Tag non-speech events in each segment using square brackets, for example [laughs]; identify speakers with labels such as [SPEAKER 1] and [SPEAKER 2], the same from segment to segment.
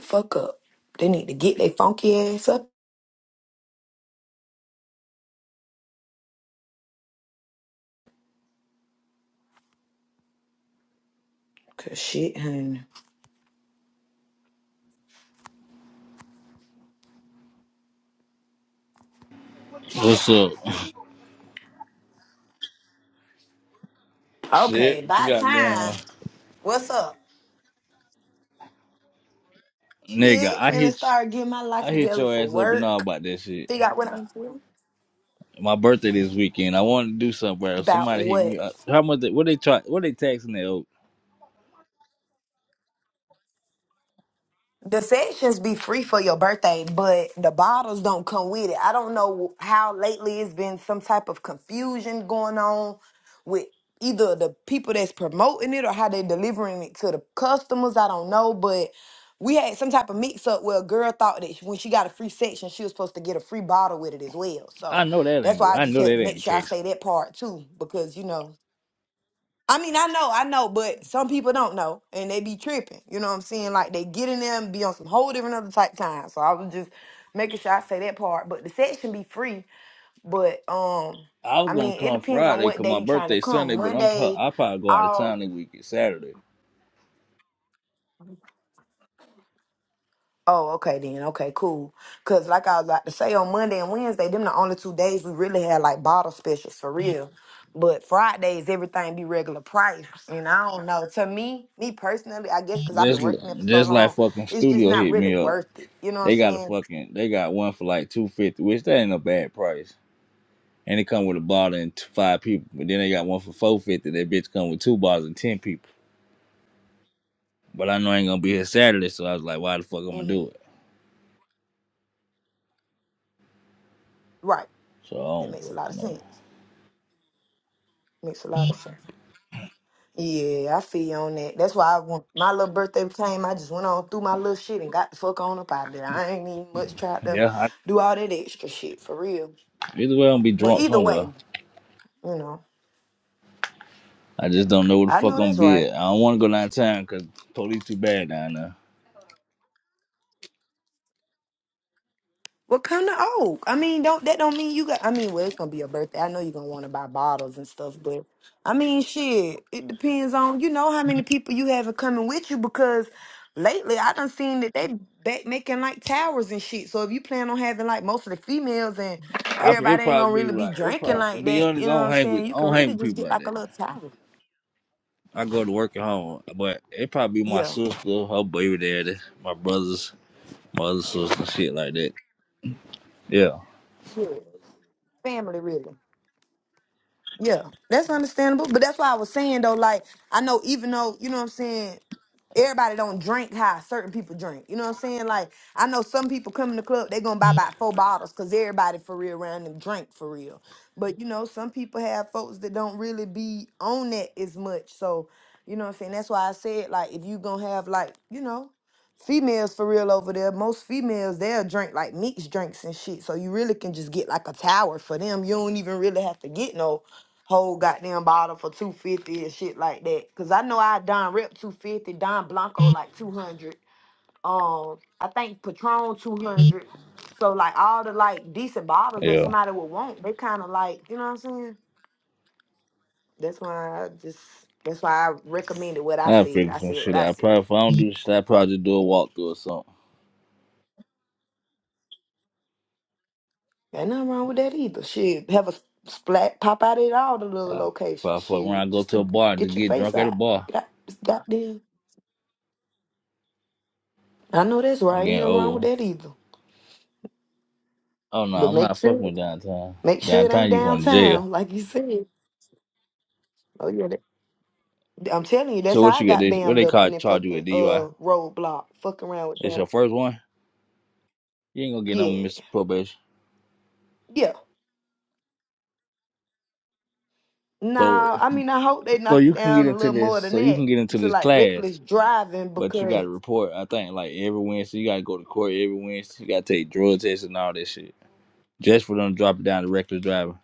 [SPEAKER 1] fuck up. They need to get their funky ass up. Cause shit, honey.
[SPEAKER 2] What's up?
[SPEAKER 1] Okay,
[SPEAKER 2] Shit, what you
[SPEAKER 1] by
[SPEAKER 2] got going on?
[SPEAKER 1] time. What's up?
[SPEAKER 2] Nigga,
[SPEAKER 1] Shit,
[SPEAKER 2] I
[SPEAKER 1] finna
[SPEAKER 2] hit
[SPEAKER 1] start getting my life
[SPEAKER 2] I hit
[SPEAKER 1] together
[SPEAKER 2] your
[SPEAKER 1] for
[SPEAKER 2] ass up and all
[SPEAKER 1] work.
[SPEAKER 2] about that shit.
[SPEAKER 1] Figure out what I'm doing.
[SPEAKER 2] My birthday this weekend. I wanted to do something, bro.
[SPEAKER 1] About
[SPEAKER 2] Somebody hit me
[SPEAKER 1] what?
[SPEAKER 2] up. How much they, what they try what they taxing that old?
[SPEAKER 1] The sessions be free for your birthday, but the bottles don't come with it. I don't know how lately it's been some type of confusion going on with either the people that's promoting it or how they delivering it to the customers. I don't know, but we had some type of mix up where a girl thought that when she got a free section, she was supposed to get a free bottle with it as well.
[SPEAKER 2] I
[SPEAKER 1] So
[SPEAKER 2] know that
[SPEAKER 1] that's
[SPEAKER 2] ain't
[SPEAKER 1] why I
[SPEAKER 2] I
[SPEAKER 1] just
[SPEAKER 2] know
[SPEAKER 1] had to
[SPEAKER 2] that
[SPEAKER 1] make
[SPEAKER 2] ain't the
[SPEAKER 1] sure I
[SPEAKER 2] case.
[SPEAKER 1] say that part too, because you know I mean, I know, I know, but some people don't know and they be tripping. You know what I'm saying? Like they get in there and be on some whole different other type time. So I was just making sure I say that part. But the section be free. But um,
[SPEAKER 2] I was
[SPEAKER 1] I
[SPEAKER 2] gonna
[SPEAKER 1] mean, it
[SPEAKER 2] come
[SPEAKER 1] depends on
[SPEAKER 2] Friday,
[SPEAKER 1] what
[SPEAKER 2] cause
[SPEAKER 1] day
[SPEAKER 2] my
[SPEAKER 1] you trying to
[SPEAKER 2] birthday
[SPEAKER 1] come.
[SPEAKER 2] Sunday, but I'm pro-
[SPEAKER 1] Monday,
[SPEAKER 2] I probably go out of
[SPEAKER 1] all
[SPEAKER 2] town that weekend Saturday.
[SPEAKER 1] Oh, okay then. Okay, cool. Cause like I was about to say on Monday and Wednesday, them the only two days we really had like bottle specials for real. But Fridays, everything be regular price. And I don't know. To me, me personally, I guess because I've been
[SPEAKER 2] Just
[SPEAKER 1] working it for so
[SPEAKER 2] just like
[SPEAKER 1] long,
[SPEAKER 2] fucking
[SPEAKER 1] it's just
[SPEAKER 2] studio
[SPEAKER 1] not
[SPEAKER 2] hit
[SPEAKER 1] really
[SPEAKER 2] me up.
[SPEAKER 1] worth it. You know what
[SPEAKER 2] They
[SPEAKER 1] I'm
[SPEAKER 2] got a
[SPEAKER 1] saying?
[SPEAKER 2] fucking they got one for like two fifty, which that ain't a bad price. and it come with a bottle and five people. But then they got one for four fifty. That bitch come with two bottles and ten people. But I know I ain't gonna be here Saturday, so I was like, why the fuck I'm gonna
[SPEAKER 1] hmm
[SPEAKER 2] do it?
[SPEAKER 1] Right.
[SPEAKER 2] So I
[SPEAKER 1] That
[SPEAKER 2] don't
[SPEAKER 1] makes a lot of
[SPEAKER 2] fucking know.
[SPEAKER 1] sense. Makes a lot of sense. Yeah, I feel you on that. That's why I want my little birthday came. I just went on through my little shit and got the fuck on up out there. I ain't even much tried to
[SPEAKER 2] Yeah, I,
[SPEAKER 1] do all that extra shit for real.
[SPEAKER 2] either way I'm gonna be
[SPEAKER 1] But
[SPEAKER 2] drunk
[SPEAKER 1] either
[SPEAKER 2] somewhere.
[SPEAKER 1] way, you know,
[SPEAKER 2] I just don't know where the
[SPEAKER 1] I
[SPEAKER 2] fuck
[SPEAKER 1] know
[SPEAKER 2] I'm gonna
[SPEAKER 1] that's
[SPEAKER 2] be
[SPEAKER 1] right.
[SPEAKER 2] at. I don't want to go downtown because police too bad down there.
[SPEAKER 1] Well, come to Oak. I mean, don't that don't mean you got. I mean, well, it's gonna be your birthday. I know you're gonna want to buy bottles and stuff, but I mean, shit. It depends on you know how many people you have coming with you because lately I done seen that they back making like towers and shit. So if you plan on having like most of the females and
[SPEAKER 2] I, it
[SPEAKER 1] everybody ain't gonna
[SPEAKER 2] probably be
[SPEAKER 1] really be
[SPEAKER 2] like it
[SPEAKER 1] drinking
[SPEAKER 2] probably. To
[SPEAKER 1] like
[SPEAKER 2] be
[SPEAKER 1] that,
[SPEAKER 2] honest,
[SPEAKER 1] you
[SPEAKER 2] I
[SPEAKER 1] know what
[SPEAKER 2] don't
[SPEAKER 1] I'm
[SPEAKER 2] hang with
[SPEAKER 1] saying? You
[SPEAKER 2] I
[SPEAKER 1] can
[SPEAKER 2] don't hang
[SPEAKER 1] really
[SPEAKER 2] with
[SPEAKER 1] just
[SPEAKER 2] people
[SPEAKER 1] get
[SPEAKER 2] like
[SPEAKER 1] like a
[SPEAKER 2] that.
[SPEAKER 1] little tower.
[SPEAKER 2] I go to work at home, but it probably be my
[SPEAKER 1] Yeah,
[SPEAKER 2] sister, her baby daddy, my brothers, my other sister, shit like that. Yeah,
[SPEAKER 1] yeah. family really. Yeah, that's understandable. But that's why I was saying though, like I know even though, you know what I'm saying, everybody don't drink how certain people drink. You know what I'm saying? Like I know some people come in the club, they gonna buy about four bottles because everybody for real around them drink for real. But you know, some people have folks that don't really be on that as much. So, you know what I'm saying? That's why I said like if you gonna have like, you know, females for real over there, most females they'll drink like mixed drinks and shit. So you really can just get like a tower for them. You don't even really have to get no whole goddamn bottle for 250 and shit like that. Cause I know I Don Rep 250, Don Blanco like 200. Um, I think Patron 200. So like all the like decent bottles that
[SPEAKER 2] yeah.
[SPEAKER 1] somebody would want, they kind of like, you know what I'm saying? That's why I just, that's why I recommended what I
[SPEAKER 2] I
[SPEAKER 1] said.
[SPEAKER 2] figure
[SPEAKER 1] I
[SPEAKER 2] some
[SPEAKER 1] said what
[SPEAKER 2] shit
[SPEAKER 1] I
[SPEAKER 2] out.
[SPEAKER 1] said.
[SPEAKER 2] Probably if I don't do shit, I probably just do a walkthrough or something.
[SPEAKER 1] Ain't nothing wrong with that either. Shit, have a s- splat pop out at all the little
[SPEAKER 2] I
[SPEAKER 1] locations.
[SPEAKER 2] probably fuck around,
[SPEAKER 1] Shit,
[SPEAKER 2] go
[SPEAKER 1] just
[SPEAKER 2] to
[SPEAKER 1] to
[SPEAKER 2] a bar, just
[SPEAKER 1] get your
[SPEAKER 2] get
[SPEAKER 1] face
[SPEAKER 2] drunk at a
[SPEAKER 1] out.
[SPEAKER 2] bar.
[SPEAKER 1] Got, goddamn. I know that's
[SPEAKER 2] I'm
[SPEAKER 1] right. Ain't
[SPEAKER 2] getting
[SPEAKER 1] nothing wrong with
[SPEAKER 2] old.
[SPEAKER 1] that either.
[SPEAKER 2] Oh no,
[SPEAKER 1] But
[SPEAKER 2] I'm
[SPEAKER 1] make
[SPEAKER 2] not fucking
[SPEAKER 1] sure.
[SPEAKER 2] with downtown.
[SPEAKER 1] Make sure it ain't
[SPEAKER 2] Downtown, you going to jail.
[SPEAKER 1] downtown, like you said. Oh yeah, that, I'm telling you, that's
[SPEAKER 2] So
[SPEAKER 1] how
[SPEAKER 2] what
[SPEAKER 1] I
[SPEAKER 2] you get?
[SPEAKER 1] got
[SPEAKER 2] This what
[SPEAKER 1] bammed
[SPEAKER 2] they
[SPEAKER 1] up
[SPEAKER 2] call
[SPEAKER 1] in that
[SPEAKER 2] charge you with
[SPEAKER 1] fucking
[SPEAKER 2] DUI?
[SPEAKER 1] uh roadblock, fucking around with
[SPEAKER 2] It's your
[SPEAKER 1] downtown.
[SPEAKER 2] first one. You ain't gonna get no
[SPEAKER 1] Yeah,
[SPEAKER 2] Mr. Probation.
[SPEAKER 1] yeah.
[SPEAKER 2] So
[SPEAKER 1] Nah, I mean, I hope they
[SPEAKER 2] so
[SPEAKER 1] knock it
[SPEAKER 2] you can get
[SPEAKER 1] down a
[SPEAKER 2] into
[SPEAKER 1] little
[SPEAKER 2] this.
[SPEAKER 1] more than
[SPEAKER 2] So you can
[SPEAKER 1] that
[SPEAKER 2] get into
[SPEAKER 1] to
[SPEAKER 2] this
[SPEAKER 1] like
[SPEAKER 2] class,
[SPEAKER 1] reckless driving
[SPEAKER 2] but you got
[SPEAKER 1] because.
[SPEAKER 2] to report. I think like every Wednesday, you got to go to court every Wednesday. You got to take drug tests and all that shit just for them to drop it down to reckless driving.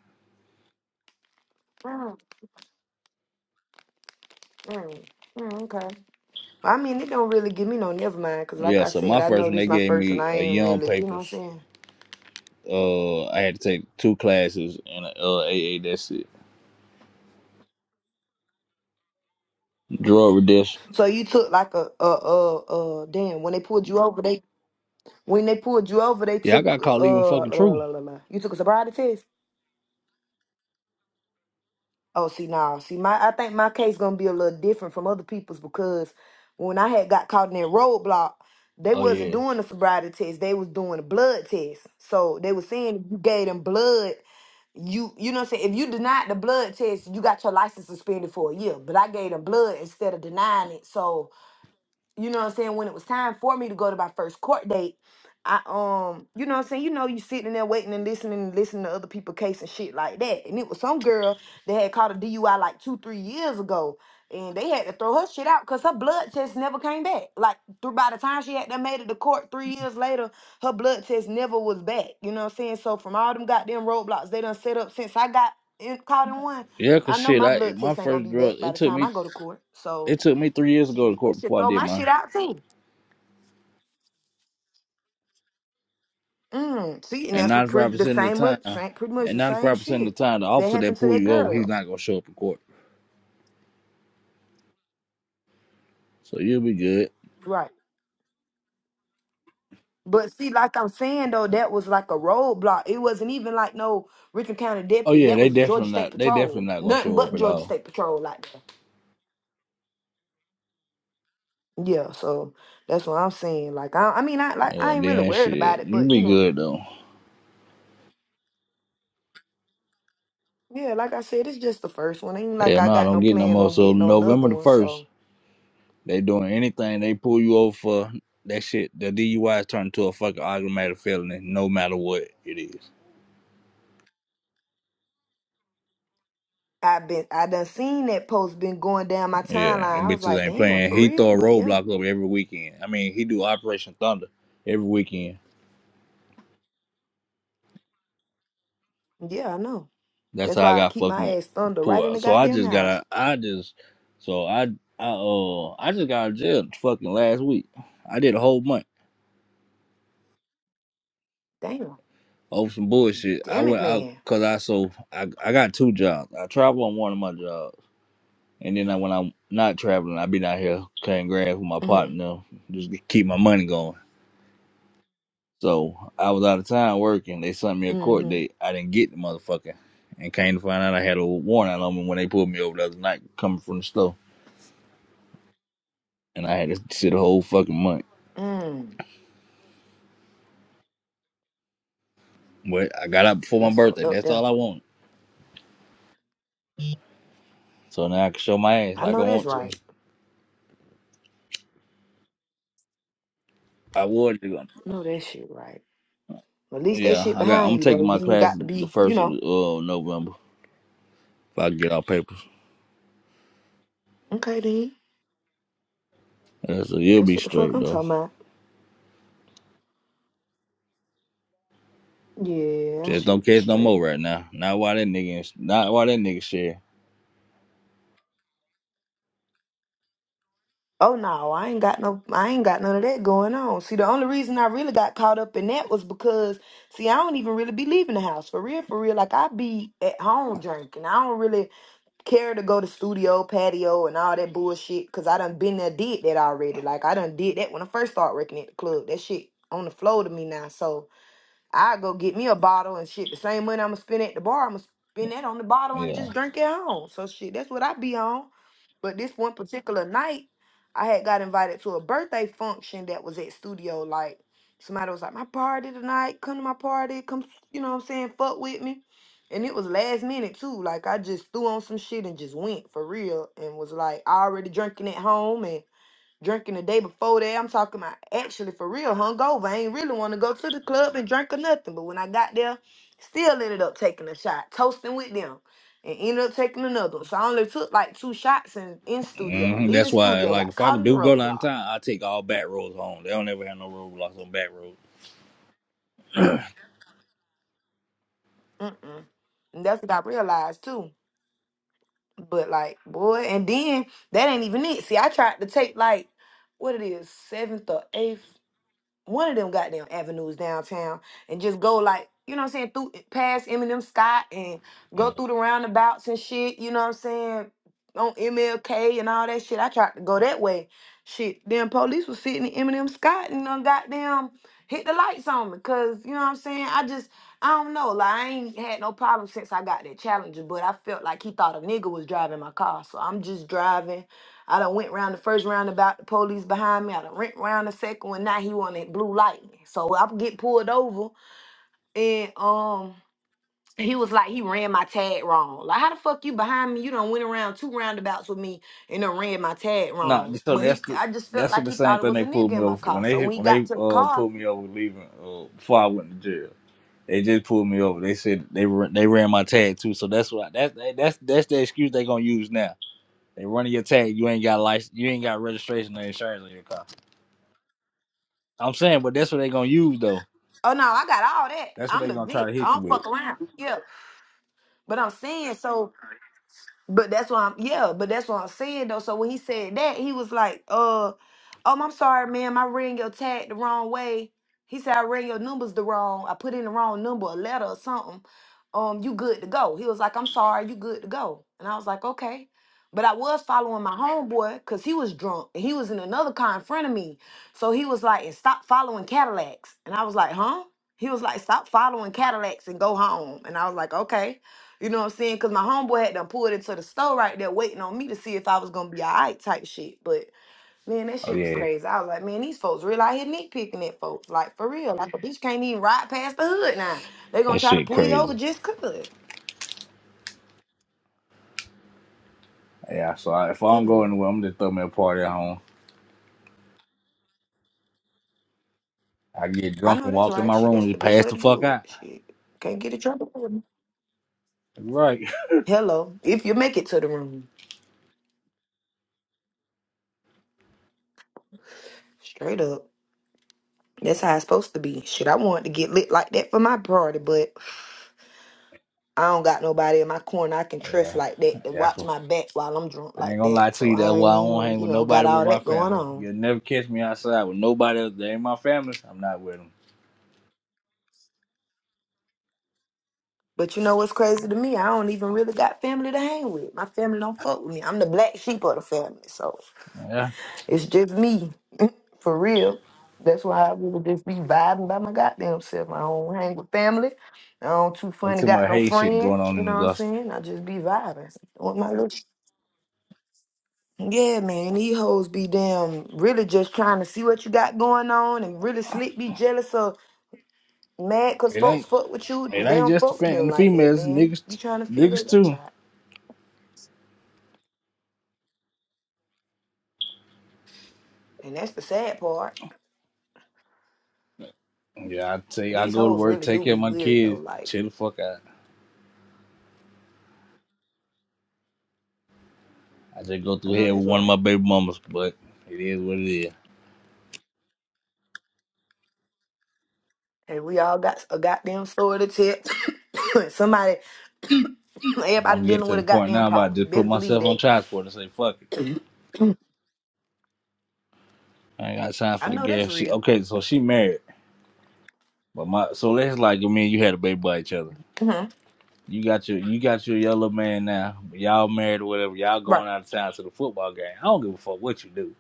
[SPEAKER 1] Mm, mm, mm, okay. I mean, it don't really give me no never mind because, like
[SPEAKER 2] Yeah,
[SPEAKER 1] I
[SPEAKER 2] so
[SPEAKER 1] said,
[SPEAKER 2] my
[SPEAKER 1] I know
[SPEAKER 2] first one
[SPEAKER 1] this
[SPEAKER 2] they
[SPEAKER 1] my
[SPEAKER 2] gave
[SPEAKER 1] first and
[SPEAKER 2] me
[SPEAKER 1] I
[SPEAKER 2] a
[SPEAKER 1] ain't
[SPEAKER 2] young
[SPEAKER 1] really, you know what I'm
[SPEAKER 2] papers.
[SPEAKER 1] saying.
[SPEAKER 2] Uh, I had to take two classes and uh AA. That's it. Drug reduction.
[SPEAKER 1] So you took like a a a, a damn when they pulled you over, they. When they pulled you over, they
[SPEAKER 2] Yeah, I
[SPEAKER 1] took
[SPEAKER 2] got
[SPEAKER 1] uh
[SPEAKER 2] caught leaving
[SPEAKER 1] la,
[SPEAKER 2] fucking
[SPEAKER 1] la,
[SPEAKER 2] true.
[SPEAKER 1] la, la, la. you took a sobriety test. Oh, see now, see my I think my case gonna be a little different from other people's because when I had got caught in that roadblock, they
[SPEAKER 2] Oh
[SPEAKER 1] wasn't
[SPEAKER 2] yeah,
[SPEAKER 1] doing the sobriety test. They was doing a blood test. So they was saying if you gave them blood, you you know what I'm saying. If you denied the blood test, you got your license suspended for a year. But I gave them blood instead of denying it, so you know what I'm saying, when it was time for me to go to my first court date, I um, you know what I'm saying, you know, you sitting there waiting and listening and listening to other people case and shit like that. And it was some girl that had caught a DUI like two, three years ago. And they had to throw her shit out because her blood test never came back. Like through by the time she had done made it to court three years later, her blood test never was back. You know what I'm saying? So from all them goddamn roadblocks they done set up since I got in, caught in one,
[SPEAKER 2] yeah. Cause
[SPEAKER 1] I know
[SPEAKER 2] shit,
[SPEAKER 1] my
[SPEAKER 2] I
[SPEAKER 1] blood
[SPEAKER 2] my
[SPEAKER 1] test ain't gonna
[SPEAKER 2] first
[SPEAKER 1] be
[SPEAKER 2] drug.
[SPEAKER 1] back by
[SPEAKER 2] It
[SPEAKER 1] the
[SPEAKER 2] took
[SPEAKER 1] time
[SPEAKER 2] me
[SPEAKER 1] I go to court. So
[SPEAKER 2] it took me three years to go to
[SPEAKER 1] Shit, they
[SPEAKER 2] court
[SPEAKER 1] should
[SPEAKER 2] before I
[SPEAKER 1] throw
[SPEAKER 2] did
[SPEAKER 1] my shit
[SPEAKER 2] mine.
[SPEAKER 1] out too. Mm, see, and
[SPEAKER 2] And
[SPEAKER 1] that's what
[SPEAKER 2] ninety five
[SPEAKER 1] pretty the
[SPEAKER 2] percent of the
[SPEAKER 1] same, mu-
[SPEAKER 2] time,
[SPEAKER 1] same pretty much
[SPEAKER 2] and
[SPEAKER 1] the
[SPEAKER 2] ninety
[SPEAKER 1] same
[SPEAKER 2] five percent of
[SPEAKER 1] shit
[SPEAKER 2] the time, the
[SPEAKER 1] that
[SPEAKER 2] officer that
[SPEAKER 1] happened to
[SPEAKER 2] pull
[SPEAKER 1] that
[SPEAKER 2] you over, he's
[SPEAKER 1] girl.
[SPEAKER 2] not gonna show up in court. So you'll be good.
[SPEAKER 1] Right. But see, like I'm saying though, that was like a roadblock. It wasn't even like no Richmond County
[SPEAKER 2] Oh
[SPEAKER 1] deputy.
[SPEAKER 2] yeah,
[SPEAKER 1] That
[SPEAKER 2] they
[SPEAKER 1] was Georgia
[SPEAKER 2] definitely
[SPEAKER 1] State
[SPEAKER 2] not. They
[SPEAKER 1] Patrol.
[SPEAKER 2] definitely not gonna
[SPEAKER 1] Nothing
[SPEAKER 2] show
[SPEAKER 1] but
[SPEAKER 2] up at
[SPEAKER 1] Georgia
[SPEAKER 2] all.
[SPEAKER 1] State Patrol like that. Yeah, so that's what I'm saying. Like I I mean I like
[SPEAKER 2] Yeah,
[SPEAKER 1] I ain't really
[SPEAKER 2] then
[SPEAKER 1] worried about
[SPEAKER 2] shit,
[SPEAKER 1] it,
[SPEAKER 2] you
[SPEAKER 1] but you
[SPEAKER 2] be
[SPEAKER 1] know.
[SPEAKER 2] good though.
[SPEAKER 1] Yeah, like I said, it's just the first one. Ain't like
[SPEAKER 2] Yeah,
[SPEAKER 1] I
[SPEAKER 2] no,
[SPEAKER 1] got
[SPEAKER 2] don't
[SPEAKER 1] no
[SPEAKER 2] get no
[SPEAKER 1] plans
[SPEAKER 2] more.
[SPEAKER 1] on
[SPEAKER 2] So
[SPEAKER 1] getting another
[SPEAKER 2] November the
[SPEAKER 1] one,
[SPEAKER 2] first.
[SPEAKER 1] so
[SPEAKER 2] They doing anything they pull you over for that shit. The DUI is turned to a fucking automatic felony, no matter what it is.
[SPEAKER 1] I've been I done seen that post been going down my
[SPEAKER 2] Yeah,
[SPEAKER 1] timeline.
[SPEAKER 2] them
[SPEAKER 1] I was
[SPEAKER 2] bitches
[SPEAKER 1] like,
[SPEAKER 2] ain't
[SPEAKER 1] damn,
[SPEAKER 2] playing.
[SPEAKER 1] for
[SPEAKER 2] He
[SPEAKER 1] real?
[SPEAKER 2] throw a
[SPEAKER 1] But yeah,
[SPEAKER 2] roadblock up every weekend. I mean, he do Operation Thunder every weekend.
[SPEAKER 1] yeah, I know.
[SPEAKER 2] That's
[SPEAKER 1] That's
[SPEAKER 2] how I
[SPEAKER 1] why I
[SPEAKER 2] got
[SPEAKER 1] keep my
[SPEAKER 2] fucking
[SPEAKER 1] ass thunder
[SPEAKER 2] pulled
[SPEAKER 1] right in
[SPEAKER 2] out.
[SPEAKER 1] the
[SPEAKER 2] So I
[SPEAKER 1] goddamn
[SPEAKER 2] just got
[SPEAKER 1] house.
[SPEAKER 2] out. I just so I I uh I just got out of jail fucking last week. I did a whole month
[SPEAKER 1] Damn.
[SPEAKER 2] over some bullshit. I
[SPEAKER 1] Damn it,
[SPEAKER 2] went out
[SPEAKER 1] man.
[SPEAKER 2] because I so I I got two jobs. I travel on one of my jobs. And then I, when I'm not traveling, I be down here cutting grass with my
[SPEAKER 1] Mm-hmm.
[SPEAKER 2] partner, just to keep my money going. So I was out of town working. They sent me a court
[SPEAKER 1] Mm-hmm.
[SPEAKER 2] date. I didn't get the motherfucker, and came to find out I had a warrant out on me when they pulled me over the other night coming from the store, and I had to sit a whole fucking month.
[SPEAKER 1] Mm.
[SPEAKER 2] But I got out before my
[SPEAKER 1] That's fucked
[SPEAKER 2] birthday.
[SPEAKER 1] up
[SPEAKER 2] That's
[SPEAKER 1] there.
[SPEAKER 2] all I want. So now I can show my ass
[SPEAKER 1] I
[SPEAKER 2] like I
[SPEAKER 1] know that's
[SPEAKER 2] want to.
[SPEAKER 1] right.
[SPEAKER 2] I would do.
[SPEAKER 1] No, that shit right. But at least that
[SPEAKER 2] Yeah,
[SPEAKER 1] shit
[SPEAKER 2] I got.
[SPEAKER 1] behind
[SPEAKER 2] I'm
[SPEAKER 1] you though.
[SPEAKER 2] taking
[SPEAKER 1] You
[SPEAKER 2] my
[SPEAKER 1] ain't
[SPEAKER 2] class
[SPEAKER 1] got to
[SPEAKER 2] the
[SPEAKER 1] be, you
[SPEAKER 2] first of
[SPEAKER 1] know.
[SPEAKER 2] uh, November. If I can get all papers,
[SPEAKER 1] Okay then.
[SPEAKER 2] yeah, so you'll
[SPEAKER 1] That's
[SPEAKER 2] be
[SPEAKER 1] what the fuck
[SPEAKER 2] straight
[SPEAKER 1] I'm
[SPEAKER 2] though.
[SPEAKER 1] talking about. Yeah, I
[SPEAKER 2] Just don't
[SPEAKER 1] should be
[SPEAKER 2] catch no
[SPEAKER 1] straight.
[SPEAKER 2] more right now. Not why that nigga. Not why that nigga share.
[SPEAKER 1] Oh no, I ain't got no I ain't got none of that going on. See, the only reason I really got caught up in that was because see, I don't even really be leaving the house. For real, for real. Like I be at home drinking. I don't really care to go to studio, patio and all that bullshit cuz I done been there did that already. Like I done did that when I first started working at the club. That shit on the floor to me now. So I go get me a bottle and shit. The same money I'ma spend at the bar, I'ma spend that on the bottle and just
[SPEAKER 2] Yeah,
[SPEAKER 1] drink at home. So shit, that's what I be on. But this one particular night, I had got invited to a birthday function that was at Studio Like Somebody was like, "My party tonight, come to my party, come, you know what I'm saying, fuck with me." And it was last minute too. Like I just threw on some shit and just went for real and was like I already drinking at home and Drinking the day before that, I'm talking about actually for real hungover. I ain't really want to go to the club and drink or nothing. But when I got there, still ended up taking a shot, toasting with them, and ended up taking another one. So I only took like two shots in, in studio.
[SPEAKER 2] hmm
[SPEAKER 1] Leaving
[SPEAKER 2] that's why.
[SPEAKER 1] studio,
[SPEAKER 2] Like,
[SPEAKER 1] got
[SPEAKER 2] if I
[SPEAKER 1] caught in the
[SPEAKER 2] do go
[SPEAKER 1] roadblock.
[SPEAKER 2] downtown, I take all back roads home. They don't ever have no roadblocks on back roads.
[SPEAKER 1] Mm-mm. And that's what I realized too. But like, boy, and then that ain't even it. See, I tried to take like, what it is, seventh or eighth one of them goddamn avenues downtown and just go like, you know what I'm saying, through past Eminem Scott and go
[SPEAKER 2] Yeah.
[SPEAKER 1] through the roundabouts and shit, you know what I'm saying, on MLK and all that shit. I tried to go that way. Shit, then police was sitting in Eminem Scott and done goddamn hit the lights on me. Cause you know what I'm saying? I just I don't know. Like I ain't had no problem since I got that challenger, but I felt like he thought a nigga was driving my car. So I'm just driving I done went round the first round about the police behind me. I done went round the second one. Now he wanted blue lightning. So I get pulled over and um he was like he ran my tag wrong. Like how the fuck you behind me? You done went around two roundabouts with me and done ran my tag
[SPEAKER 2] No,
[SPEAKER 1] wrong.
[SPEAKER 2] so
[SPEAKER 1] But
[SPEAKER 2] that's
[SPEAKER 1] he
[SPEAKER 2] the
[SPEAKER 1] I just felt
[SPEAKER 2] that's
[SPEAKER 1] like
[SPEAKER 2] the
[SPEAKER 1] he thought
[SPEAKER 2] same
[SPEAKER 1] it
[SPEAKER 2] thing
[SPEAKER 1] was a
[SPEAKER 2] they
[SPEAKER 1] nigga
[SPEAKER 2] pulled me
[SPEAKER 1] in my
[SPEAKER 2] over for. When
[SPEAKER 1] car.
[SPEAKER 2] they
[SPEAKER 1] So when
[SPEAKER 2] hit-
[SPEAKER 1] he
[SPEAKER 2] when
[SPEAKER 1] got
[SPEAKER 2] they
[SPEAKER 1] to the
[SPEAKER 2] uh
[SPEAKER 1] car,
[SPEAKER 2] pulled me over leaving uh, before I went to jail, they just pulled me over. They said they ran, they ran my tag too. So that's what that's that's that's the excuse they gonna use now. They running your tag. You ain't got license. You ain't got registration or insurance on your car. I'm saying, but that's what they gonna use though.
[SPEAKER 1] oh no, I got all that.
[SPEAKER 2] That's what
[SPEAKER 1] I'm
[SPEAKER 2] they
[SPEAKER 1] the
[SPEAKER 2] gonna try
[SPEAKER 1] bitch.
[SPEAKER 2] to
[SPEAKER 1] I
[SPEAKER 2] hit you
[SPEAKER 1] don't
[SPEAKER 2] with.
[SPEAKER 1] fuck around. Yeah. But I'm saying so But that's why I'm yeah, but that's what I'm saying though. So when he said that, he was like, uh, um, I'm sorry, ma'am, I ran your tag the wrong way. He said I ran your numbers the wrong, I put in the wrong number, a letter or something. Um, you good to go. He was like, I'm sorry, you good to go. And I was like, okay. But I was following my homeboy because he was drunk and he was in another car in front of me. So he was like, and stop following Cadillacs. And I was like, huh? He was like, stop following Cadillacs and go home. And I was like, okay. You know what I'm saying? Because my homeboy had done pulled into the store right there waiting on me to see if I was going to be all right type shit. But man, that
[SPEAKER 2] Oh
[SPEAKER 1] shit was
[SPEAKER 2] yeah,
[SPEAKER 1] crazy. I was like, man, these folks really out here nitpicking at folks. Like, for real. Like, a bitch can't even ride past the hood now. they going to
[SPEAKER 2] That
[SPEAKER 1] try to
[SPEAKER 2] shit
[SPEAKER 1] pull you over
[SPEAKER 2] crazy.
[SPEAKER 1] just 'cause.
[SPEAKER 2] yeah. So I, if I don't
[SPEAKER 1] Telling
[SPEAKER 2] go
[SPEAKER 1] you.
[SPEAKER 2] anywhere, I'm just throw me a party at home. I get
[SPEAKER 1] I
[SPEAKER 2] drunk
[SPEAKER 1] know
[SPEAKER 2] and
[SPEAKER 1] that's
[SPEAKER 2] walk in
[SPEAKER 1] right.
[SPEAKER 2] my
[SPEAKER 1] Shit,
[SPEAKER 2] room
[SPEAKER 1] that's
[SPEAKER 2] and
[SPEAKER 1] the
[SPEAKER 2] just
[SPEAKER 1] best
[SPEAKER 2] pass
[SPEAKER 1] way
[SPEAKER 2] the
[SPEAKER 1] to
[SPEAKER 2] fuck
[SPEAKER 1] do it.
[SPEAKER 2] out.
[SPEAKER 1] Shit. Can't get in trouble. for it.
[SPEAKER 2] Right. [laughs]
[SPEAKER 1] Hello. If you make it to the room. Straight up. That's how it's supposed to be. Shit, I wanted to get lit like that for my party, but I don't got nobody in my corner I can trust
[SPEAKER 2] Yeah,
[SPEAKER 1] like that to
[SPEAKER 2] that's
[SPEAKER 1] watch
[SPEAKER 2] what.
[SPEAKER 1] my back while I'm drunk
[SPEAKER 2] I ain't
[SPEAKER 1] like
[SPEAKER 2] gonna
[SPEAKER 1] that.
[SPEAKER 2] lie to
[SPEAKER 1] So
[SPEAKER 2] you. That's
[SPEAKER 1] I
[SPEAKER 2] why
[SPEAKER 1] ain't
[SPEAKER 2] I don't
[SPEAKER 1] even,
[SPEAKER 2] hang with
[SPEAKER 1] you know, got
[SPEAKER 2] nobody with
[SPEAKER 1] all
[SPEAKER 2] my
[SPEAKER 1] that going
[SPEAKER 2] family.
[SPEAKER 1] on.
[SPEAKER 2] You'll never catch me outside with nobody else. They ain't my family. I'm not with them.
[SPEAKER 1] But you know what's crazy to me? I don't even really got family to hang with. My family don't fuck with me. I'm the black sheep of the family. So
[SPEAKER 2] Yeah,
[SPEAKER 1] it's just me, for real. That's why I will just be vibing by my goddamn self. I don't hang with family. I don't too
[SPEAKER 2] that's
[SPEAKER 1] funny,
[SPEAKER 2] too
[SPEAKER 1] got
[SPEAKER 2] much
[SPEAKER 1] no
[SPEAKER 2] hate shit going
[SPEAKER 1] friends.
[SPEAKER 2] on
[SPEAKER 1] You
[SPEAKER 2] in
[SPEAKER 1] know what I'm
[SPEAKER 2] Augusta.
[SPEAKER 1] saying? I just be vibing with my little Yeah, man, these hoes be damn really just trying to see what you got going on and really slick be jealous or mad because
[SPEAKER 2] It
[SPEAKER 1] folks
[SPEAKER 2] ain't.
[SPEAKER 1] fuck with you.
[SPEAKER 2] It
[SPEAKER 1] and They
[SPEAKER 2] ain't
[SPEAKER 1] don't
[SPEAKER 2] just the
[SPEAKER 1] fuck with
[SPEAKER 2] fam-
[SPEAKER 1] them
[SPEAKER 2] the
[SPEAKER 1] like that,
[SPEAKER 2] females,
[SPEAKER 1] man. Be
[SPEAKER 2] niggas,
[SPEAKER 1] trying to figure
[SPEAKER 2] niggas
[SPEAKER 1] it out.
[SPEAKER 2] too.
[SPEAKER 1] child. And that's the sad part.
[SPEAKER 2] Yeah, I take.
[SPEAKER 1] But
[SPEAKER 2] I
[SPEAKER 1] these
[SPEAKER 2] go to
[SPEAKER 1] hoes
[SPEAKER 2] work,
[SPEAKER 1] really do
[SPEAKER 2] take care of
[SPEAKER 1] be
[SPEAKER 2] my
[SPEAKER 1] weird, though.
[SPEAKER 2] kids,
[SPEAKER 1] Like,
[SPEAKER 2] chill the fuck out. I just go
[SPEAKER 1] I
[SPEAKER 2] through
[SPEAKER 1] know
[SPEAKER 2] here
[SPEAKER 1] that's
[SPEAKER 2] with one of my
[SPEAKER 1] right.
[SPEAKER 2] baby mamas, but it is what it is.
[SPEAKER 1] And we all got a goddamn story to tell. [coughs] Somebody, [coughs] everybody
[SPEAKER 2] I'm getting
[SPEAKER 1] dealing
[SPEAKER 2] to
[SPEAKER 1] with
[SPEAKER 2] the
[SPEAKER 1] a
[SPEAKER 2] point
[SPEAKER 1] goddamn
[SPEAKER 2] now where I
[SPEAKER 1] problem.
[SPEAKER 2] just put
[SPEAKER 1] Best believe
[SPEAKER 2] myself on
[SPEAKER 1] that.
[SPEAKER 2] child support and say, fuck it. I ain't got time
[SPEAKER 1] I
[SPEAKER 2] for the
[SPEAKER 1] know that's
[SPEAKER 2] girl. She
[SPEAKER 1] real.
[SPEAKER 2] okay, so she married. But my so let's like I mean you had a baby by each other.
[SPEAKER 1] hmm
[SPEAKER 2] You got your you got your yellow man now. Y'all married or whatever, y'all
[SPEAKER 1] Right,
[SPEAKER 2] going out of town to the football game. I don't give a fuck what you do.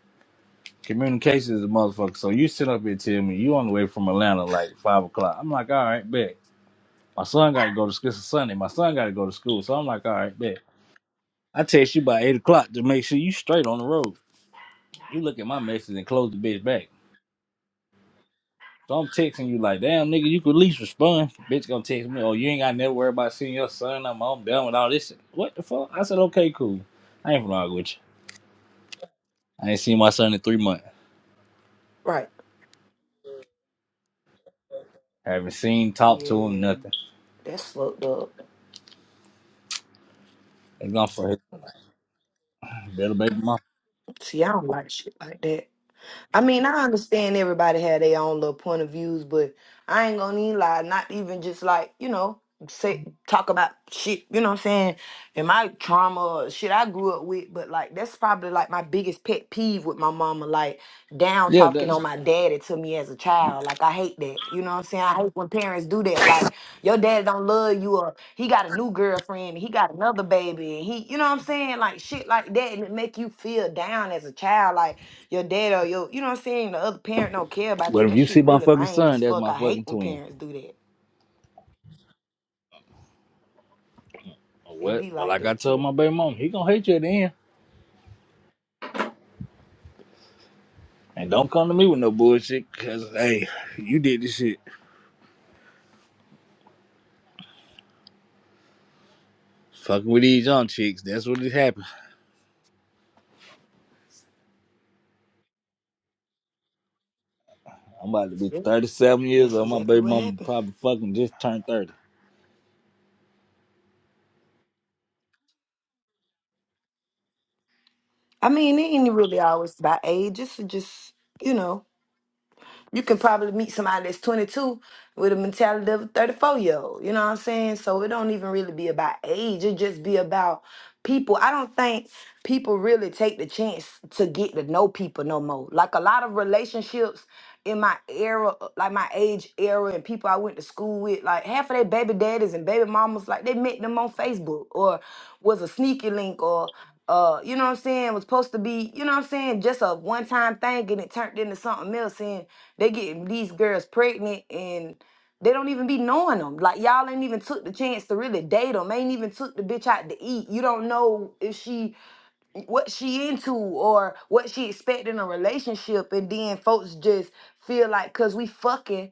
[SPEAKER 2] Communication is a motherfucker. So you sit up here and tell me you on the way from Atlanta like five o'clock. I'm like, all right, bet. My son gotta go to school. It's a Sunday. My son gotta go to school. So I'm like, all right, bet. I text you by eight o'clock to make sure you straight on the road. You look at my message and close the bitch back. So I'm texting you like, damn nigga, you could at least respond. bitch gonna text me, oh you ain't got never worry about seeing your son. I'm, I'm done with all this. shit." What the fuck? I said, okay, cool. I ain't gonna argue with you. I ain't seen my son in three months.
[SPEAKER 1] right.
[SPEAKER 2] haven't seen, talked to him,
[SPEAKER 1] Yeah,
[SPEAKER 2] nothing.
[SPEAKER 1] that's fucked up.
[SPEAKER 2] It's gone for his little baby mom.
[SPEAKER 1] See, I don't like shit like that. I mean, I understand everybody had their own little point of views, but I ain't gonna even lie, not even just like, you know, say talk about shit, you know what I'm saying? And my trauma or shit I grew up with, but like that's probably like my biggest pet peeve with my mama, like down
[SPEAKER 2] Yeah,
[SPEAKER 1] talking
[SPEAKER 2] that's.
[SPEAKER 1] on my daddy to me as a child. Like I hate that. You know what I'm saying? I hate when parents do that. Like your daddy don't love you or he got a new girlfriend, and he got another baby, and he you know what I'm saying? Like shit like that and it make you feel down as a child. Like your dad or your, you know what I'm saying, the other parent don't care about you.
[SPEAKER 2] But if
[SPEAKER 1] That
[SPEAKER 2] you see
[SPEAKER 1] shit
[SPEAKER 2] my
[SPEAKER 1] really
[SPEAKER 2] fucking
[SPEAKER 1] lame as
[SPEAKER 2] son, that's
[SPEAKER 1] fuck.
[SPEAKER 2] my
[SPEAKER 1] I hate
[SPEAKER 2] fucking
[SPEAKER 1] when
[SPEAKER 2] twin.
[SPEAKER 1] parents do that.
[SPEAKER 2] Or
[SPEAKER 1] It
[SPEAKER 2] What?
[SPEAKER 1] be
[SPEAKER 2] But
[SPEAKER 1] like
[SPEAKER 2] like I
[SPEAKER 1] that
[SPEAKER 2] told
[SPEAKER 1] too.
[SPEAKER 2] my baby mom, he gonna hate you at the end. And don't come to me with no bullshit, cause hey, you did this shit. Fucking with these young chicks, that's what it happened. I'm about to be
[SPEAKER 1] Yeah.
[SPEAKER 2] 37 years
[SPEAKER 1] That's
[SPEAKER 2] old. My
[SPEAKER 1] exactly
[SPEAKER 2] baby
[SPEAKER 1] what
[SPEAKER 2] mama
[SPEAKER 1] happened.
[SPEAKER 2] probably fucking just turned 30.
[SPEAKER 1] I mean, it ain't really always about age. It's just, you know, you can probably meet somebody that's 22 with a mentality of a 34 year old. You know what I'm saying? So it don't even really be about age. It just be about people. I don't think people really take the chance to get to know people no more. Like a lot of relationships in my era, like my age era, and people I went to school with, like half of their baby daddies and baby mamas, like they met them on Facebook or was a sneaky link or uh, you know what I'm saying, was supposed to be, you know what I'm saying, just a one time thing and it turned into something else and they getting these girls pregnant and. They don't even be knowing them. Like y'all ain't even took the chance to really date them. Ain't even took the bitch out to eat. You don't know if she what she into or what she expect in a relationship. And then folks just feel like cause we fucking,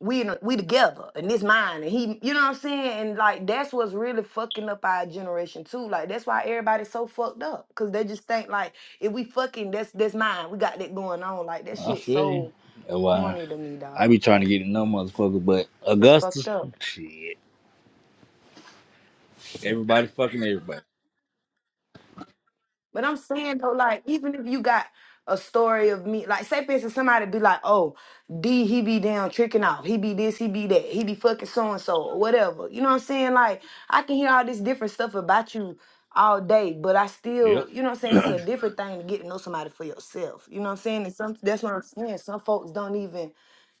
[SPEAKER 1] we in a- we together and this mine and he. You know what I'm saying? And like that's what's really fucking up our generation too. Like that's why everybody's so fucked up. Cause they just think like if we fucking that's that's mine. We got that going on. Like that
[SPEAKER 2] I
[SPEAKER 1] shit
[SPEAKER 2] feel you.
[SPEAKER 1] so
[SPEAKER 2] That's why
[SPEAKER 1] corny to me,
[SPEAKER 2] I
[SPEAKER 1] dog.
[SPEAKER 2] be trying to
[SPEAKER 1] Like
[SPEAKER 2] get in no motherfucker, but
[SPEAKER 1] it's fucked
[SPEAKER 2] Augusta,
[SPEAKER 1] up.
[SPEAKER 2] shit. Everybody fucking everybody.
[SPEAKER 1] But I'm saying though, like, even if you got a story of me, like, say for instance, somebody be like, "Oh, D, he be down tricking off. He be this, he be that. He be fucking so and so or whatever." You know what I'm saying? Like, I can hear all this different stuff about you all day, but I still,
[SPEAKER 2] Yep.
[SPEAKER 1] you know what I'm saying? It's a different thing to get to know somebody for yourself. You know what I'm saying? And some that's what I'm saying. Some folks don't even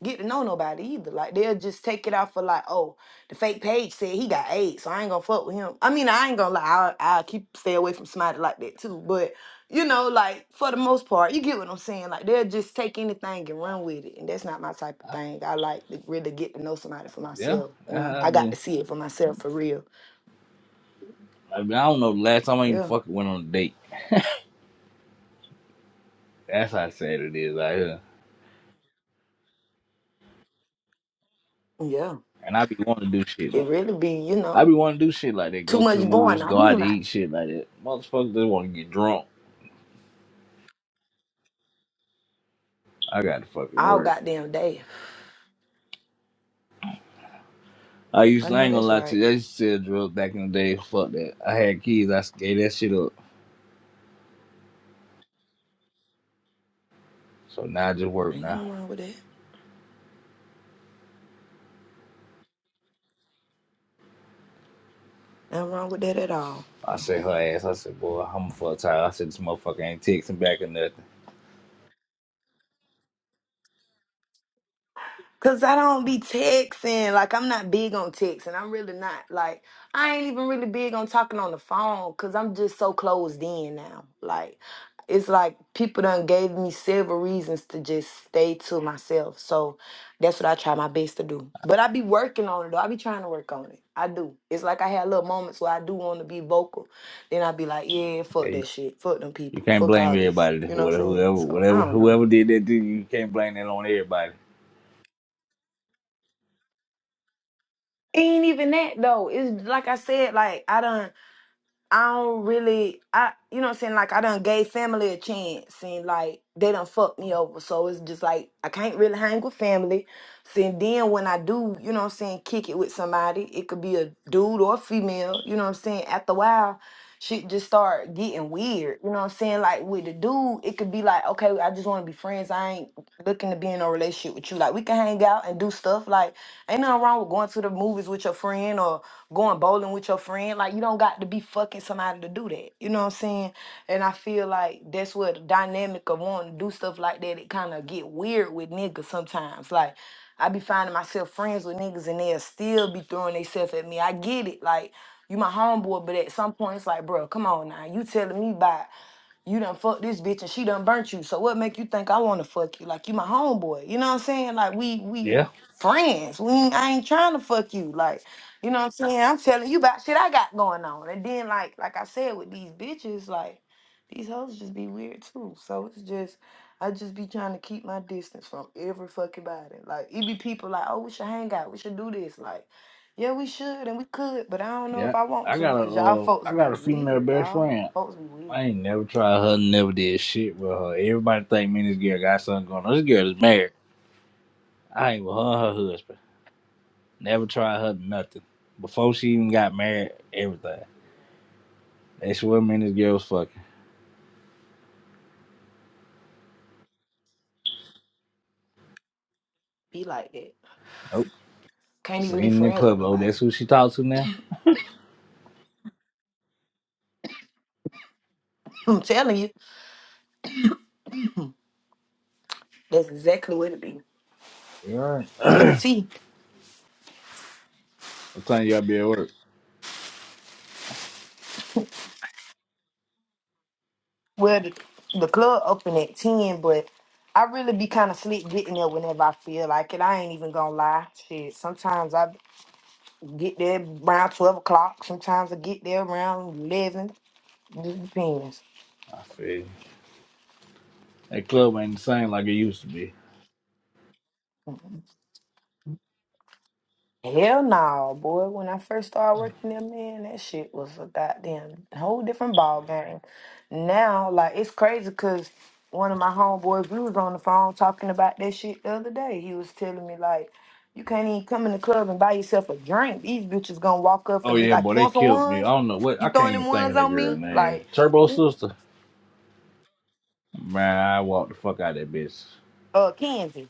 [SPEAKER 1] get to know nobody either. Like, they'll just take it out for like, "Oh." The fake page said he got AIDS, so I ain't gonna fuck with him. I mean, I ain't gonna lie, I I keep stay away from somebody like that too. But you know, like for the most part, you get what I'm saying. Like they'll just take anything and run with it, and that's not my type of thing. I like to really get to know somebody for
[SPEAKER 2] Yeah.
[SPEAKER 1] myself. You
[SPEAKER 2] That's
[SPEAKER 1] know,
[SPEAKER 2] how I
[SPEAKER 1] I got
[SPEAKER 2] been.
[SPEAKER 1] to see it for myself for real.
[SPEAKER 2] I, mean, I don't know. the Last time I even
[SPEAKER 1] Yeah,
[SPEAKER 2] fucking went on a date. That's how sad it is out here.
[SPEAKER 1] yeah.
[SPEAKER 2] And I be wanting to do shit
[SPEAKER 1] It
[SPEAKER 2] like
[SPEAKER 1] really be, you
[SPEAKER 2] I be
[SPEAKER 1] know,
[SPEAKER 2] wanting to do shit like that.
[SPEAKER 1] too
[SPEAKER 2] Go
[SPEAKER 1] much
[SPEAKER 2] to the
[SPEAKER 1] going
[SPEAKER 2] movies, go
[SPEAKER 1] on
[SPEAKER 2] out to
[SPEAKER 1] like,
[SPEAKER 2] eat, shit like that. Motherfuckers just want to get drunk. I got to fucking
[SPEAKER 1] all
[SPEAKER 2] work.
[SPEAKER 1] goddamn day.
[SPEAKER 2] I used
[SPEAKER 1] I
[SPEAKER 2] to, I
[SPEAKER 1] know
[SPEAKER 2] ain't gonna
[SPEAKER 1] that's
[SPEAKER 2] lie to
[SPEAKER 1] right.
[SPEAKER 2] you, I used to sell drugs back in the day. Fuck that. I had kids, I gave that shit up. So now I just work
[SPEAKER 1] Ain't
[SPEAKER 2] now.
[SPEAKER 1] nothing wrong with that. Nothing wrong with that at all.
[SPEAKER 2] I said her ass, I said, boy, I'm fuck tired. I said this motherfucker ain't texting back or nothing.
[SPEAKER 1] Cause I don't be texting. Like I'm not big on texting. I'm really not. Like I ain't even really big on talking on the phone. Cause I'm just so closed in now. Like it's like people done gave me several reasons to just stay to myself. So that's what I try my best to do. But I be working on it though. I be trying to work on it. I do. It's like I had little moments where I do want to be vocal. Then I be like, yeah,
[SPEAKER 2] Yeah,
[SPEAKER 1] fuck
[SPEAKER 2] you,
[SPEAKER 1] that shit. Fuck them
[SPEAKER 2] you
[SPEAKER 1] people.
[SPEAKER 2] can't
[SPEAKER 1] Fuck
[SPEAKER 2] blame
[SPEAKER 1] all this.
[SPEAKER 2] everybody.
[SPEAKER 1] You know what
[SPEAKER 2] Whatever
[SPEAKER 1] I'm saying?
[SPEAKER 2] whoever
[SPEAKER 1] So I
[SPEAKER 2] whatever
[SPEAKER 1] don't know.
[SPEAKER 2] whoever did that to you, you can't blame that on everybody.
[SPEAKER 1] ain't even that though. It's like I said, like I don't, I don't really, I, you know what I'm saying? Like I done gave family a chance and like they done fucked me over. So it's just like I can't really hang with family. See, and then when I do, you know what I'm saying, kick it with somebody, it could be a dude or a female, you know what I'm saying? After a while, shit just start getting weird. You know what I'm saying? Like with the dude, it could be like, okay, I just want to be friends. I ain't looking to be in a relationship with you. Like we can hang out and do stuff. Like ain't nothing wrong with going to the movies with your friend or going bowling with your friend. Like you don't got to be fucking somebody to do that. You know what I'm saying? And I feel like that's where the dynamic of wanting to do stuff like that, it kind of get weird with niggas sometimes. Like I be finding myself friends with niggas and they'll still be throwing themselves at me. I get it. Like you my homeboy, but at some point it's like, bro, come on now. You telling me by you done fucked this bitch and she done burnt you. So what make you think I wanna fuck you? Like you my homeboy. You know what I'm saying? Like we we
[SPEAKER 2] Yeah,
[SPEAKER 1] friends. We ain't, I ain't trying to fuck you. Like, you know what I'm saying? I'm telling you about shit I got going on. And then like like I said with these bitches, like these hoes just be weird too. So it's just I just be trying to keep my distance from every fucking body. Like it be people like, oh, we should hang out, we should do this. Like, yeah, we should and we could, but I don't know
[SPEAKER 2] yeah.
[SPEAKER 1] if I want
[SPEAKER 2] I
[SPEAKER 1] to,
[SPEAKER 2] got a
[SPEAKER 1] cause y'all
[SPEAKER 2] uh,
[SPEAKER 1] folks
[SPEAKER 2] I
[SPEAKER 1] be
[SPEAKER 2] got a female
[SPEAKER 1] weird,
[SPEAKER 2] best
[SPEAKER 1] dog.
[SPEAKER 2] friend.
[SPEAKER 1] Folks be weird.
[SPEAKER 2] I ain't never tried her, never did shit with her. Everybody think me and this girl got something going on. This girl is married. I ain't with her, and her husband. Never tried her nothing. Before she even got married, everything. That's what me and this girl was fucking.
[SPEAKER 1] be like that.
[SPEAKER 2] Nope.
[SPEAKER 1] Can't even be
[SPEAKER 2] Seen in
[SPEAKER 1] friends with
[SPEAKER 2] Pueblo.
[SPEAKER 1] nobody.
[SPEAKER 2] That's who she talks to now.
[SPEAKER 1] [laughs] I'm telling you, that's exactly what it be.
[SPEAKER 2] You
[SPEAKER 1] To the
[SPEAKER 2] alright? [clears throat]
[SPEAKER 1] T.
[SPEAKER 2] What time you, all [clears throat] be at work.
[SPEAKER 1] Well, the, the club open at 10, but I really be kind of slick getting there whenever I feel like it. I ain't even gonna lie. Shit, sometimes I get there around 12 o'clock. Sometimes I get there around 11. Just depends.
[SPEAKER 2] I feel you. That club ain't the same like it used to be.
[SPEAKER 1] Hell no, boy. When I first started working there, man, that shit was a goddamn whole different ball game. Now, like, it's crazy because one of my homeboys, we was on the phone talking about that shit the other day. He was telling me, like, you can't even come in the club and buy yourself a drink. These bitches gonna walk up
[SPEAKER 2] Oh
[SPEAKER 1] and be
[SPEAKER 2] yeah,
[SPEAKER 1] like,
[SPEAKER 2] boy,
[SPEAKER 1] you
[SPEAKER 2] they
[SPEAKER 1] want some
[SPEAKER 2] killed me. I
[SPEAKER 1] ones?
[SPEAKER 2] don't know what.
[SPEAKER 1] You
[SPEAKER 2] I can't
[SPEAKER 1] throwing them
[SPEAKER 2] even think
[SPEAKER 1] ones
[SPEAKER 2] of that
[SPEAKER 1] on
[SPEAKER 2] girl
[SPEAKER 1] me?
[SPEAKER 2] name.
[SPEAKER 1] Like,
[SPEAKER 2] Turbo sister. Man, I walked the fuck out of that bitch.
[SPEAKER 1] uh, Kenzie.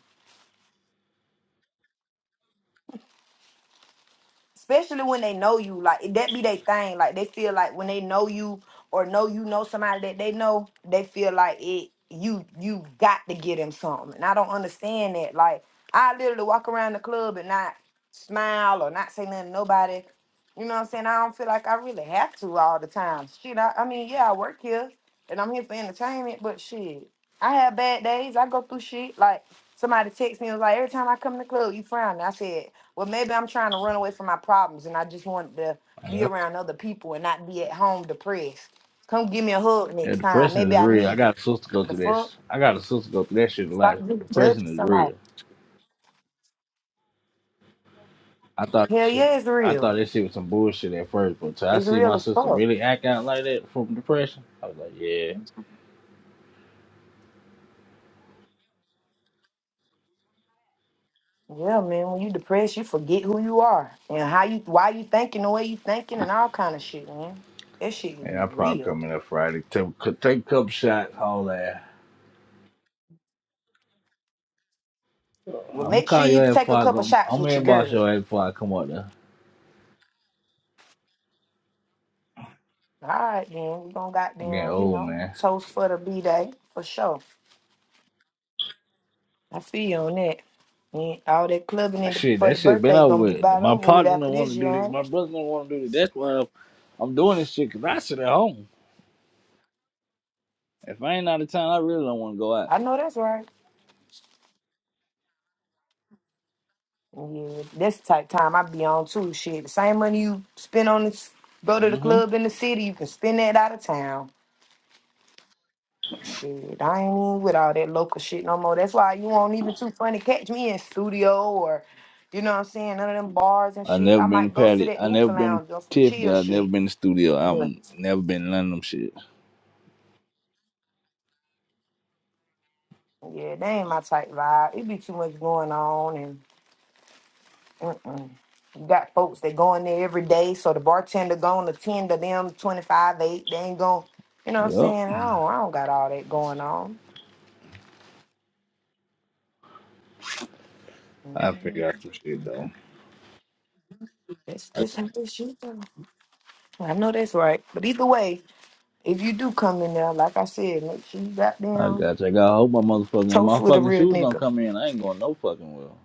[SPEAKER 1] especially when they know you like that be their thing like they feel like when they know you or know you know somebody that they know they feel like it you you got to get them something and i don't understand that like i literally walk around the club and not smile or not say nothing to nobody you know what i'm saying i don't feel like i really have to all the time shit i, I mean yeah i work here and i'm here for entertainment but shit i have bad days i go through shit like somebody text me and was like every time i come to the club you frowning i said well, maybe I'm trying to run away from my problems and I just want to be
[SPEAKER 2] Yeah.
[SPEAKER 1] around other people and not be at home depressed. Come give me a hug
[SPEAKER 2] Yeah,
[SPEAKER 1] next time.
[SPEAKER 2] depression
[SPEAKER 1] Maybe
[SPEAKER 2] is
[SPEAKER 1] I
[SPEAKER 2] real. I
[SPEAKER 1] need
[SPEAKER 2] got
[SPEAKER 1] it.
[SPEAKER 2] a sister go
[SPEAKER 1] The
[SPEAKER 2] through that.
[SPEAKER 1] fuck?
[SPEAKER 2] sh- I got a sister go through that shit a
[SPEAKER 1] Stop
[SPEAKER 2] lot.
[SPEAKER 1] ju- judging
[SPEAKER 2] Depression is
[SPEAKER 1] somebody.
[SPEAKER 2] real. I thought this
[SPEAKER 1] Hell
[SPEAKER 2] shit.
[SPEAKER 1] yeah, it's
[SPEAKER 2] I
[SPEAKER 1] real.
[SPEAKER 2] thought this shit was some bullshit at first, but till I
[SPEAKER 1] It's
[SPEAKER 2] see
[SPEAKER 1] real
[SPEAKER 2] my
[SPEAKER 1] as
[SPEAKER 2] sister
[SPEAKER 1] fuck.
[SPEAKER 2] really act out like that from depression, I was like, yeah,
[SPEAKER 1] Yeah, man. When you depressed, you forget who you are and how you, why you thinking the way you thinking and all kind of shit, man. That shit can
[SPEAKER 2] yeah,
[SPEAKER 1] be
[SPEAKER 2] I'm probably
[SPEAKER 1] real.
[SPEAKER 2] coming up Friday. Take, take a couple shots, all that. I'm
[SPEAKER 1] Well,
[SPEAKER 2] gonna
[SPEAKER 1] make sure
[SPEAKER 2] call
[SPEAKER 1] you
[SPEAKER 2] your ass
[SPEAKER 1] take a
[SPEAKER 2] before I go.
[SPEAKER 1] couple
[SPEAKER 2] I'm
[SPEAKER 1] shots with
[SPEAKER 2] gonna
[SPEAKER 1] your
[SPEAKER 2] inbox
[SPEAKER 1] girl.
[SPEAKER 2] your ass before I come out there.
[SPEAKER 1] All right, then. We gonna
[SPEAKER 2] I'm getting
[SPEAKER 1] goddamn, you
[SPEAKER 2] old,
[SPEAKER 1] know,
[SPEAKER 2] man.
[SPEAKER 1] toast for the b day for sure. I feel you on that. And all that clubbing in the,
[SPEAKER 2] Shit,
[SPEAKER 1] for
[SPEAKER 2] that
[SPEAKER 1] the
[SPEAKER 2] shit been
[SPEAKER 1] birthday
[SPEAKER 2] over
[SPEAKER 1] gonna be
[SPEAKER 2] with.
[SPEAKER 1] about
[SPEAKER 2] My
[SPEAKER 1] over with
[SPEAKER 2] partner
[SPEAKER 1] after
[SPEAKER 2] don't want
[SPEAKER 1] this
[SPEAKER 2] to
[SPEAKER 1] year,
[SPEAKER 2] do this.
[SPEAKER 1] ain't
[SPEAKER 2] My
[SPEAKER 1] it?
[SPEAKER 2] brother don't want to do this. That's why I'm doing this shit because I sit at home. If I ain't out of town, I really don't want to go out.
[SPEAKER 1] I know that's right. Yeah, that's the type of time I be on too. Shit, the same money you spend on this, go to the
[SPEAKER 2] Mm-hmm.
[SPEAKER 1] club in the city, you can spend that out of town. Shit, I ain't even with all that local shit no more. That's why you won't even too funny catch me in studio or, you know what I'm saying, none of them bars and
[SPEAKER 2] I
[SPEAKER 1] shit.
[SPEAKER 2] never
[SPEAKER 1] I
[SPEAKER 2] been
[SPEAKER 1] might
[SPEAKER 2] to
[SPEAKER 1] go sit
[SPEAKER 2] Patty.
[SPEAKER 1] at the
[SPEAKER 2] I never
[SPEAKER 1] hookah
[SPEAKER 2] been to
[SPEAKER 1] lounge on some
[SPEAKER 2] Tiffany.
[SPEAKER 1] chill
[SPEAKER 2] I never
[SPEAKER 1] shit,
[SPEAKER 2] been to studio. I've
[SPEAKER 1] but
[SPEAKER 2] never been to none of them shit.
[SPEAKER 1] yeah, they ain't my type vibe. It be too much going on Mm-mm. You got folks that go in there every day, so the bartender gonna attend to them 25, 8. They ain't gonna, you know what I'm
[SPEAKER 2] Yup.
[SPEAKER 1] saying? I don't, I don't got all that going on.
[SPEAKER 2] I
[SPEAKER 1] Mm-hmm.
[SPEAKER 2] figure out some shit though.
[SPEAKER 1] That's just how this shit go. I know that's right. But either way, if you do come in there, like I said, make sure you got
[SPEAKER 2] I
[SPEAKER 1] down
[SPEAKER 2] got you. I gotta hope my motherfucking
[SPEAKER 1] toast
[SPEAKER 2] my
[SPEAKER 1] with a
[SPEAKER 2] fucking
[SPEAKER 1] real
[SPEAKER 2] shoes don't
[SPEAKER 1] nigga.
[SPEAKER 2] come in. I ain't going no fucking well.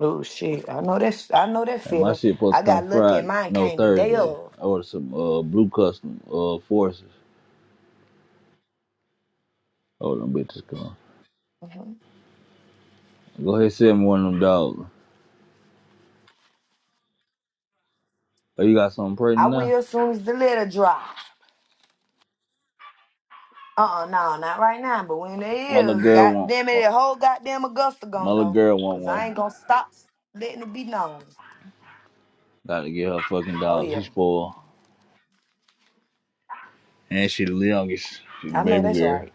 [SPEAKER 1] Oh shit. I know that's I know that
[SPEAKER 2] And my
[SPEAKER 1] feeling.
[SPEAKER 2] shit supposed
[SPEAKER 1] I
[SPEAKER 2] to come
[SPEAKER 1] got lucky and
[SPEAKER 2] Friday,
[SPEAKER 1] mine
[SPEAKER 2] no
[SPEAKER 1] came the day
[SPEAKER 2] Thursday.
[SPEAKER 1] of.
[SPEAKER 2] I ordered some uh blue custom uh forces. Oh them bitches come.
[SPEAKER 1] hmm
[SPEAKER 2] Go ahead and send me one of them dogs. Oh you got something pretty
[SPEAKER 1] I
[SPEAKER 2] now?
[SPEAKER 1] will as soon as the letter dry. Uh-uh, no, not right now. But when it
[SPEAKER 2] My little
[SPEAKER 1] is,
[SPEAKER 2] girl want
[SPEAKER 1] goddamn it,
[SPEAKER 2] one.
[SPEAKER 1] the whole goddamn Augusta
[SPEAKER 2] my
[SPEAKER 1] gonna
[SPEAKER 2] little
[SPEAKER 1] know.
[SPEAKER 2] girl want
[SPEAKER 1] Cause I ain't
[SPEAKER 2] one.
[SPEAKER 1] gonna stop letting it be known.
[SPEAKER 2] Gotta get her fucking
[SPEAKER 1] Oh
[SPEAKER 2] dogs.
[SPEAKER 1] yeah.
[SPEAKER 2] She spoiled. And she the youngest. She the
[SPEAKER 1] I know
[SPEAKER 2] baby
[SPEAKER 1] that's
[SPEAKER 2] girl.
[SPEAKER 1] right.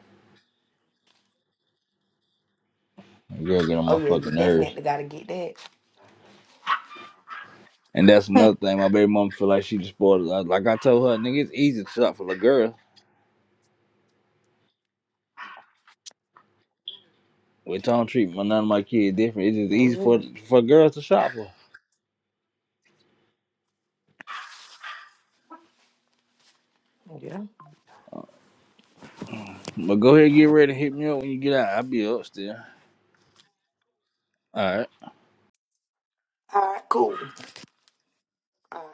[SPEAKER 2] The girl get on
[SPEAKER 1] Oh
[SPEAKER 2] my
[SPEAKER 1] yeah, you
[SPEAKER 2] fucking nerves.
[SPEAKER 1] definitely gotta get that.
[SPEAKER 2] And that's another thing. My baby mama feel like she just spoiled. us. Like like I told her, nigga, it's easy to shop for the girl. We don't treat my, none of my kids different. It's just easy for
[SPEAKER 1] Oh
[SPEAKER 2] for girls to shop for.
[SPEAKER 1] yeah. Yeah.
[SPEAKER 2] But go ahead, get ready. Hit me up when you get out. I'll be up still. All right.
[SPEAKER 1] All right, cool. All right.